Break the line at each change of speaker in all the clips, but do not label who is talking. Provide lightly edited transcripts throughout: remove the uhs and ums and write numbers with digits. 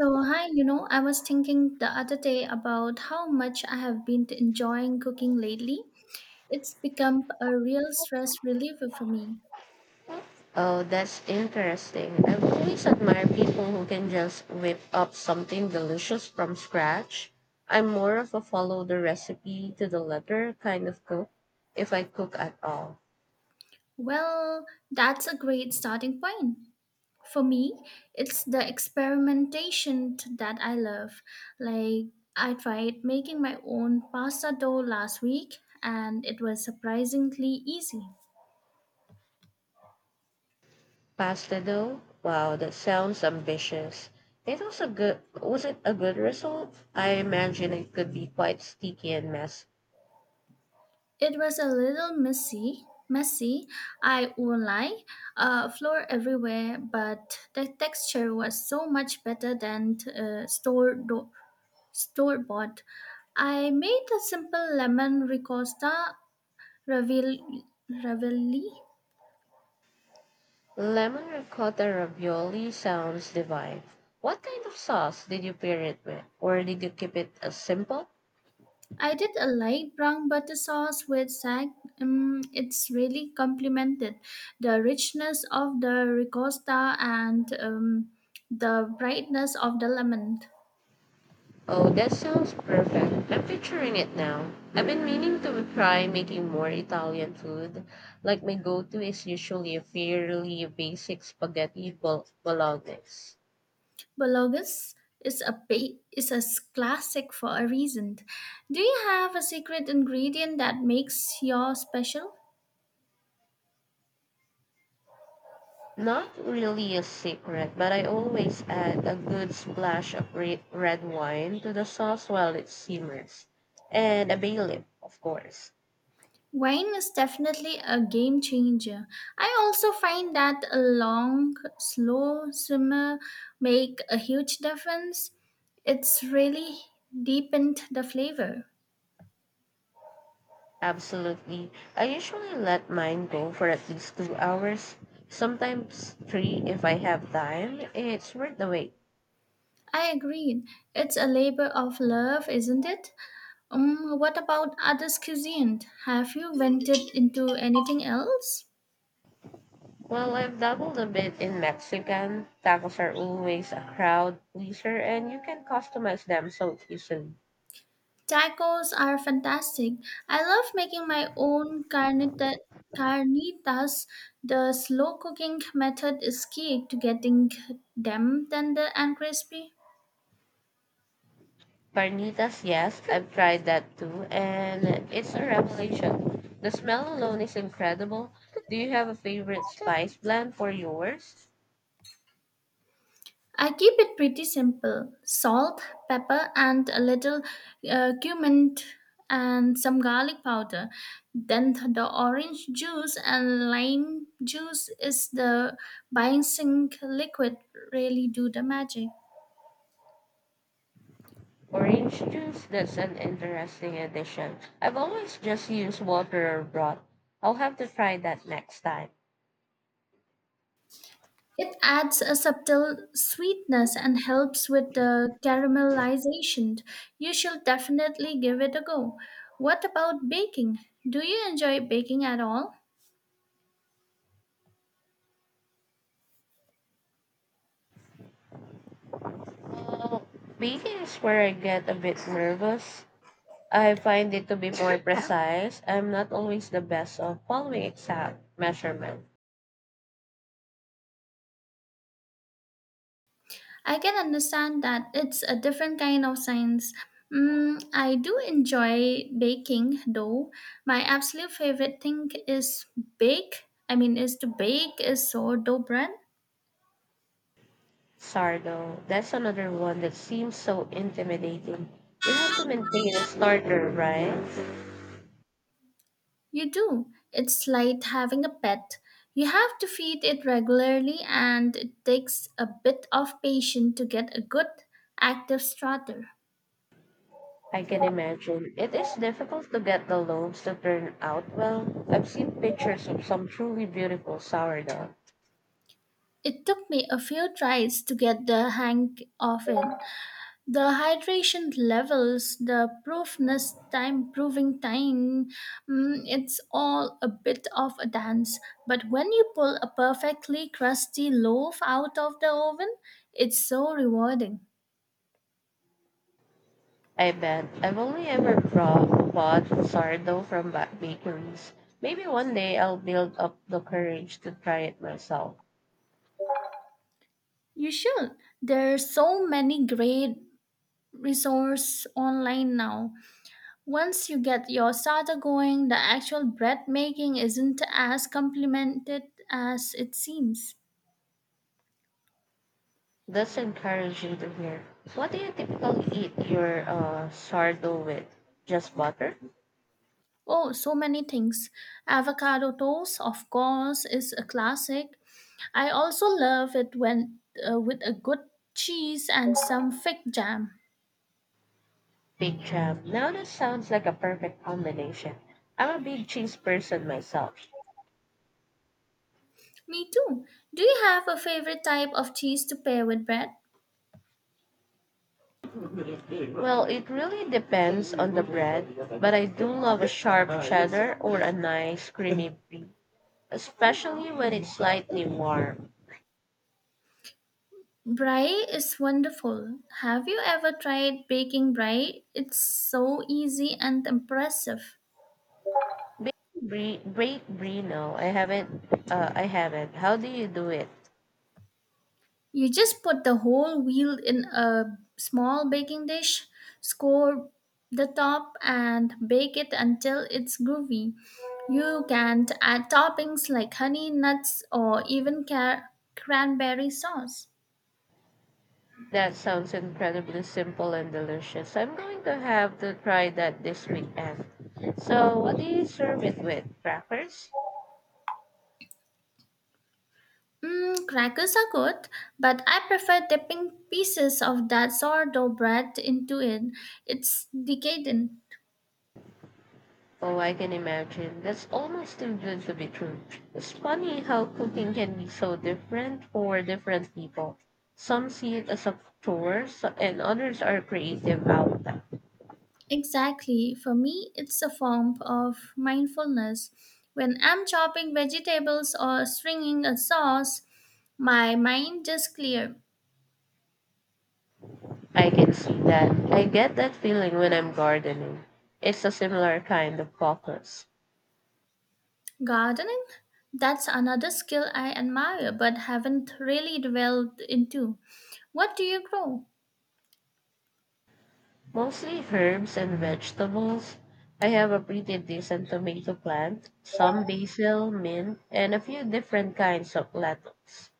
So, hi, you know, I was thinking the other day about how much I have been enjoying cooking lately. It's become a real stress reliever for me.
Oh, that's interesting. I've always admired people who can just whip up something delicious from scratch. I'm more of a follow the recipe to the letter kind of cook, if I cook at all.
Well, that's a great starting point. For me, it's the experimentation that I love. Like, I tried making my own pasta dough last week, and it was surprisingly easy.
Pasta dough? Wow, that sounds ambitious. It was a good was it a good result? I imagine it could be quite sticky and messy.
It was a little messy, I won't lie. Floor everywhere, but the texture was so much better than store bought. I made a simple lemon ricotta ravioli. ravioli.
Lemon ricotta ravioli sounds divine. What kind of sauce did you pair it with? Or did you keep it as simple?
I did a light brown butter sauce with sag. It's really complemented the richness of the ricotta and the brightness of the lemon.
Oh, that sounds perfect. I'm picturing it now. I've been meaning to try making more Italian food. Like my go-to is usually a fairly basic bolognese.
Bologus is a classic for a reason. Do you have a secret ingredient that makes your special?
Not really a secret, but I always add a good splash of red wine to the sauce while it simmers, and a bay leaf, of course.
Wine is definitely a game changer. I also find that a long, slow simmer make a huge difference. It's really deepened the flavor.
Absolutely. I usually let mine go for at least 2 hours, sometimes three if I have time. It's worth the wait.
I agree. It's a labor of love, isn't it? What about others' cuisine? Have you ventured into anything else?
Well, I've dabbled a bit in Mexican. Tacos are always a crowd pleaser, and you can customize them so easily.
Tacos are fantastic. I love making my own carnitas. The slow cooking method is key to getting them tender and crispy.
Carnitas, yes, I've tried that too, and it's a revelation. The smell alone is incredible. Do you have a favorite spice blend for yours?
I keep it pretty simple salt, pepper, and a little cumin and some garlic powder. Then the orange juice and lime juice is the binding liquid, really do the magic.
Orange juice, that's an interesting addition. I've always just used water or broth. I'll have to try that next time.
It adds a subtle sweetness and helps with the caramelization. You should definitely give it a go. What about baking? Do you enjoy baking at all?
Uh, Baking is where I get a bit nervous. I find it to be more precise. I'm not always the best of following exact measurement.
I can understand that it's a different kind of science. I do enjoy baking though. My absolute favorite thing is to bake is sourdough bread.
Sardo, that's another one that seems so intimidating. You have to maintain a starter, right?
You do. It's like having a pet. You have to feed it regularly, and it takes a bit of patience to get a good, active starter.
I can imagine. It is difficult to get the loaves to turn out well. I've seen pictures of some truly beautiful sourdough.
It took me a few tries to get the hang of it. The hydration levels, the proving time, it's all a bit of a dance. But when you pull a perfectly crusty loaf out of the oven, it's so rewarding.
I bet. I've only ever bought sourdough from bakeries. Maybe one day I'll build up the courage to try it myself.
You should. There are so many great resources online now. Once you get your starter going, the actual bread making isn't as complimented as it seems.
That's encouraging to hear. What do you typically eat your sourdough with? Just butter?
Oh, so many things. Avocado toast, of course, is a classic. I also love it when with a good cheese and some fig jam.
Big jam. Now this sounds like a perfect combination. I'm a big cheese person myself.
Me too. Do you have a favorite type of cheese to pair with bread?
Well, it really depends on the bread, but I do love a sharp cheddar or a nice creamy brie, especially when it's slightly warm.
Brie is wonderful. Have you ever tried baking brie? It's so easy and impressive.
Baked brie, no, I haven't. I haven't. How do you do it?
You just put the whole wheel in a small baking dish, score the top, and bake it until it's groovy. You can add toppings like honey, nuts, or even cranberry sauce.
That sounds incredibly simple and delicious. I'm going to have to try that this weekend. So, what do you serve it with? Crackers?
Crackers are good, but I prefer dipping pieces of that sourdough bread into it. It's decadent.
Oh, I can imagine. That's almost too good to be true. It's funny how cooking can be so different for different people. Some see it as a chore, and others are creative outlet.
Exactly. For me, it's a form of mindfulness. When I'm chopping vegetables or stringing a sauce, my mind just clear.
I can see that. I get that feeling when I'm gardening. It's a similar kind of focus.
Gardening? That's another skill I admire but haven't really delved into. What do you grow?
Mostly herbs and vegetables. I have a pretty decent tomato plant, some basil, mint, and a few different kinds of lettuce.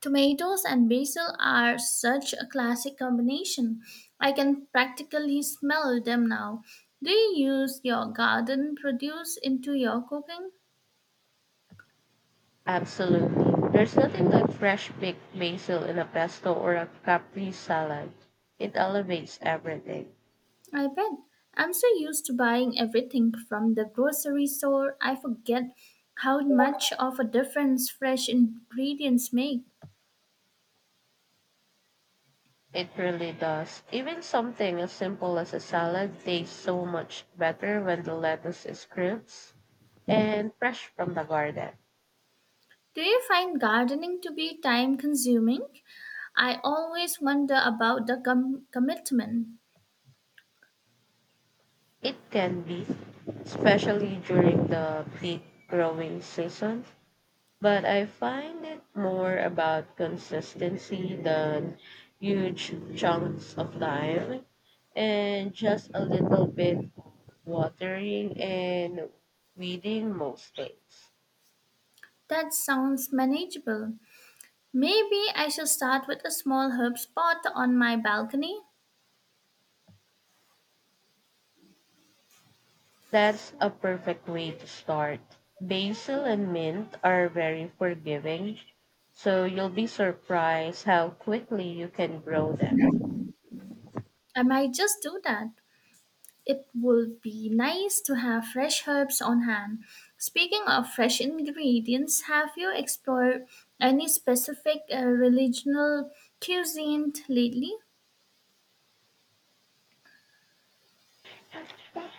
Tomatoes and basil are such a classic combination. I can practically smell them now. Do you use your garden produce into your cooking?
Absolutely. There's nothing like fresh baked basil in a pesto or a capri salad. It elevates everything.
I bet. I'm so used to buying everything from the grocery store, I forget how much of a difference fresh ingredients make.
It really does. Even something as simple as a salad tastes so much better when the lettuce is crisp and fresh from the garden.
Do you find gardening to be time consuming? I always wonder about the commitment.
It can be, especially during the peak growing season. But I find it more about consistency than huge chunks of time and just a little bit of watering and weeding most days.
That sounds manageable. Maybe I should start with a small herb spot on my balcony.
That's a perfect way to start. Basil and mint are very forgiving, so you'll be surprised how quickly you can grow them.
I might just do that. It would be nice to have fresh herbs on hand. Speaking of fresh ingredients, have you explored any specific regional cuisine lately?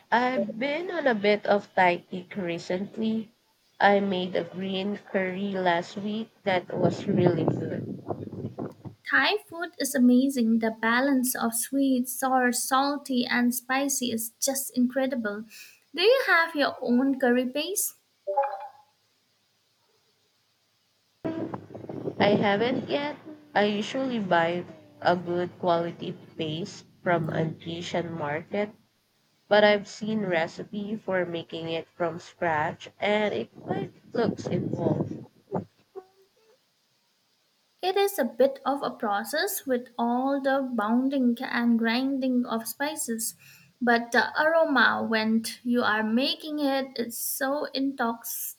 I've been on a bit of tight kick recently. I made a green curry last week that was really good.
Thai food is amazing. The balance of sweet, sour, salty, and spicy is just incredible. Do you have your own curry paste?
I haven't yet. I usually buy a good quality paste from an Asian market, but I've seen recipe for making it from scratch and it quite looks involved.
It is a bit of a process with all the bounding and grinding of spices, but the aroma when you are making it is so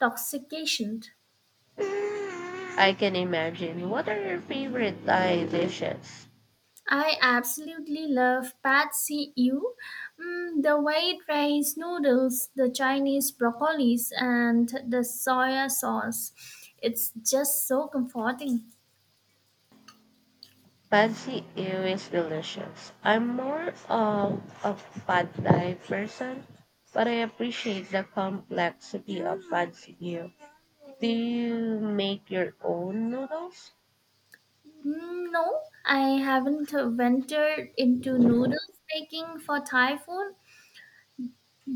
intoxication.
I can imagine. What are your favorite Thai dishes?
I absolutely love pad see ew, the white rice noodles, the Chinese broccolis, and the soya sauce. It's just so comforting.
Fancy ew is delicious. I'm more of a pad thai person, but I appreciate the complexity of fancy ew. Do you make your own noodles?
Mm, no, I haven't ventured into noodles making for Thai food.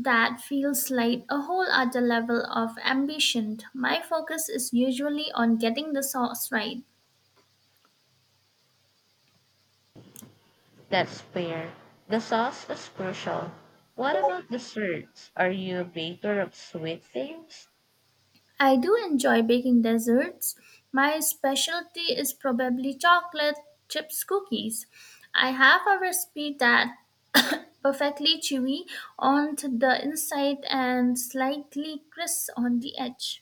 That feels like a whole other level of ambition. My focus is usually on getting the sauce right.
That's fair. The sauce is crucial. What about desserts? Are you a baker of sweet things?
I do enjoy baking desserts. My specialty is probably chocolate chips cookies. I have a recipe that perfectly chewy on the inside and slightly crisp on the edge.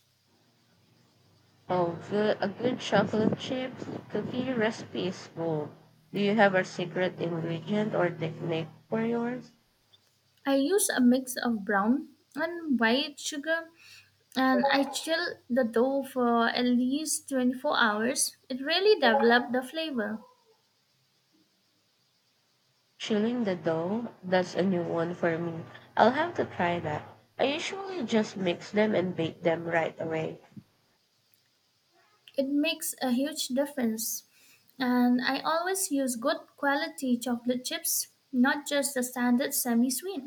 Oh, a good chocolate chip cookie recipe is gold. Do you have a secret ingredient or technique for yours?
I use a mix of brown and white sugar and I chill the dough for at least 24 hours. It really develops the flavor.
Chilling the dough, that's a new one for me. I'll have to try that. I usually just mix them and bake them right away.
It makes a huge difference. And I always use good quality chocolate chips, not just the standard semi sweet.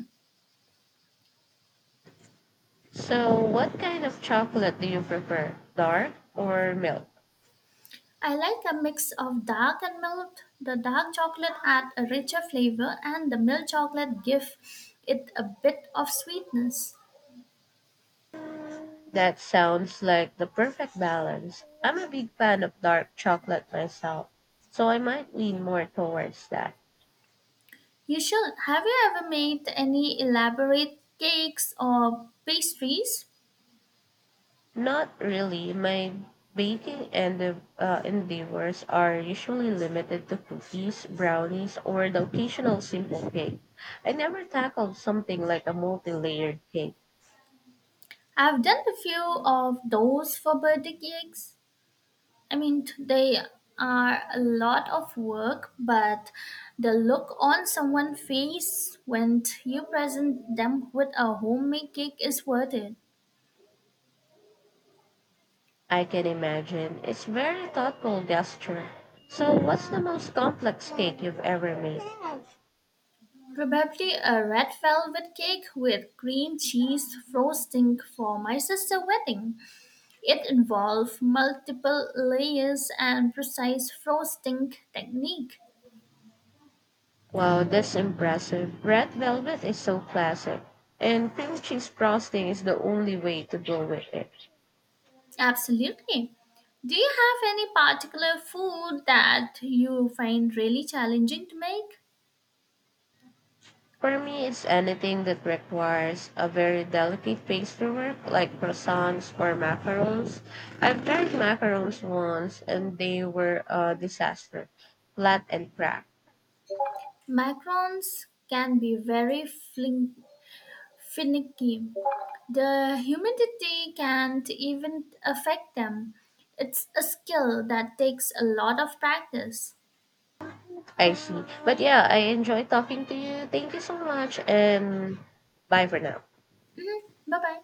So, what kind of chocolate do you prefer? Dark or milk?
I like a mix of dark and milk. The dark chocolate adds a richer flavor, and the milk chocolate gives it a bit of sweetness.
That sounds like the perfect balance. I'm a big fan of dark chocolate myself, so I might lean more towards that.
You should. Have you ever made any elaborate cakes or pastries?
Not really. My endeavors are usually limited to cookies, brownies, or the occasional simple cake. I never tackle something like a multi-layered cake.
I've done a few of those for birthday cakes. I mean, they are a lot of work, but the look on someone's face when you present them with a homemade cake is worth it.
I can imagine. It's very thoughtful gesture. So, what's the most complex cake you've ever made?
Probably a red velvet cake with cream cheese frosting for my sister's wedding. It involved multiple layers and precise frosting technique.
Wow, that's impressive. Red velvet is so classic, and cream cheese frosting is the only way to go with it.
Absolutely. Do you have any particular food that you find really challenging to make?
For me, it's anything that requires a very delicate pastrywork, like croissants or macarons. I've tried macarons once, and they were a disaster, flat and cracked.
Macarons can be very finicky. The humidity can't even affect them. It's a skill that takes a lot of practice.
I see. But yeah, I enjoy talking to you. Thank you so much, and bye for now.
Bye bye.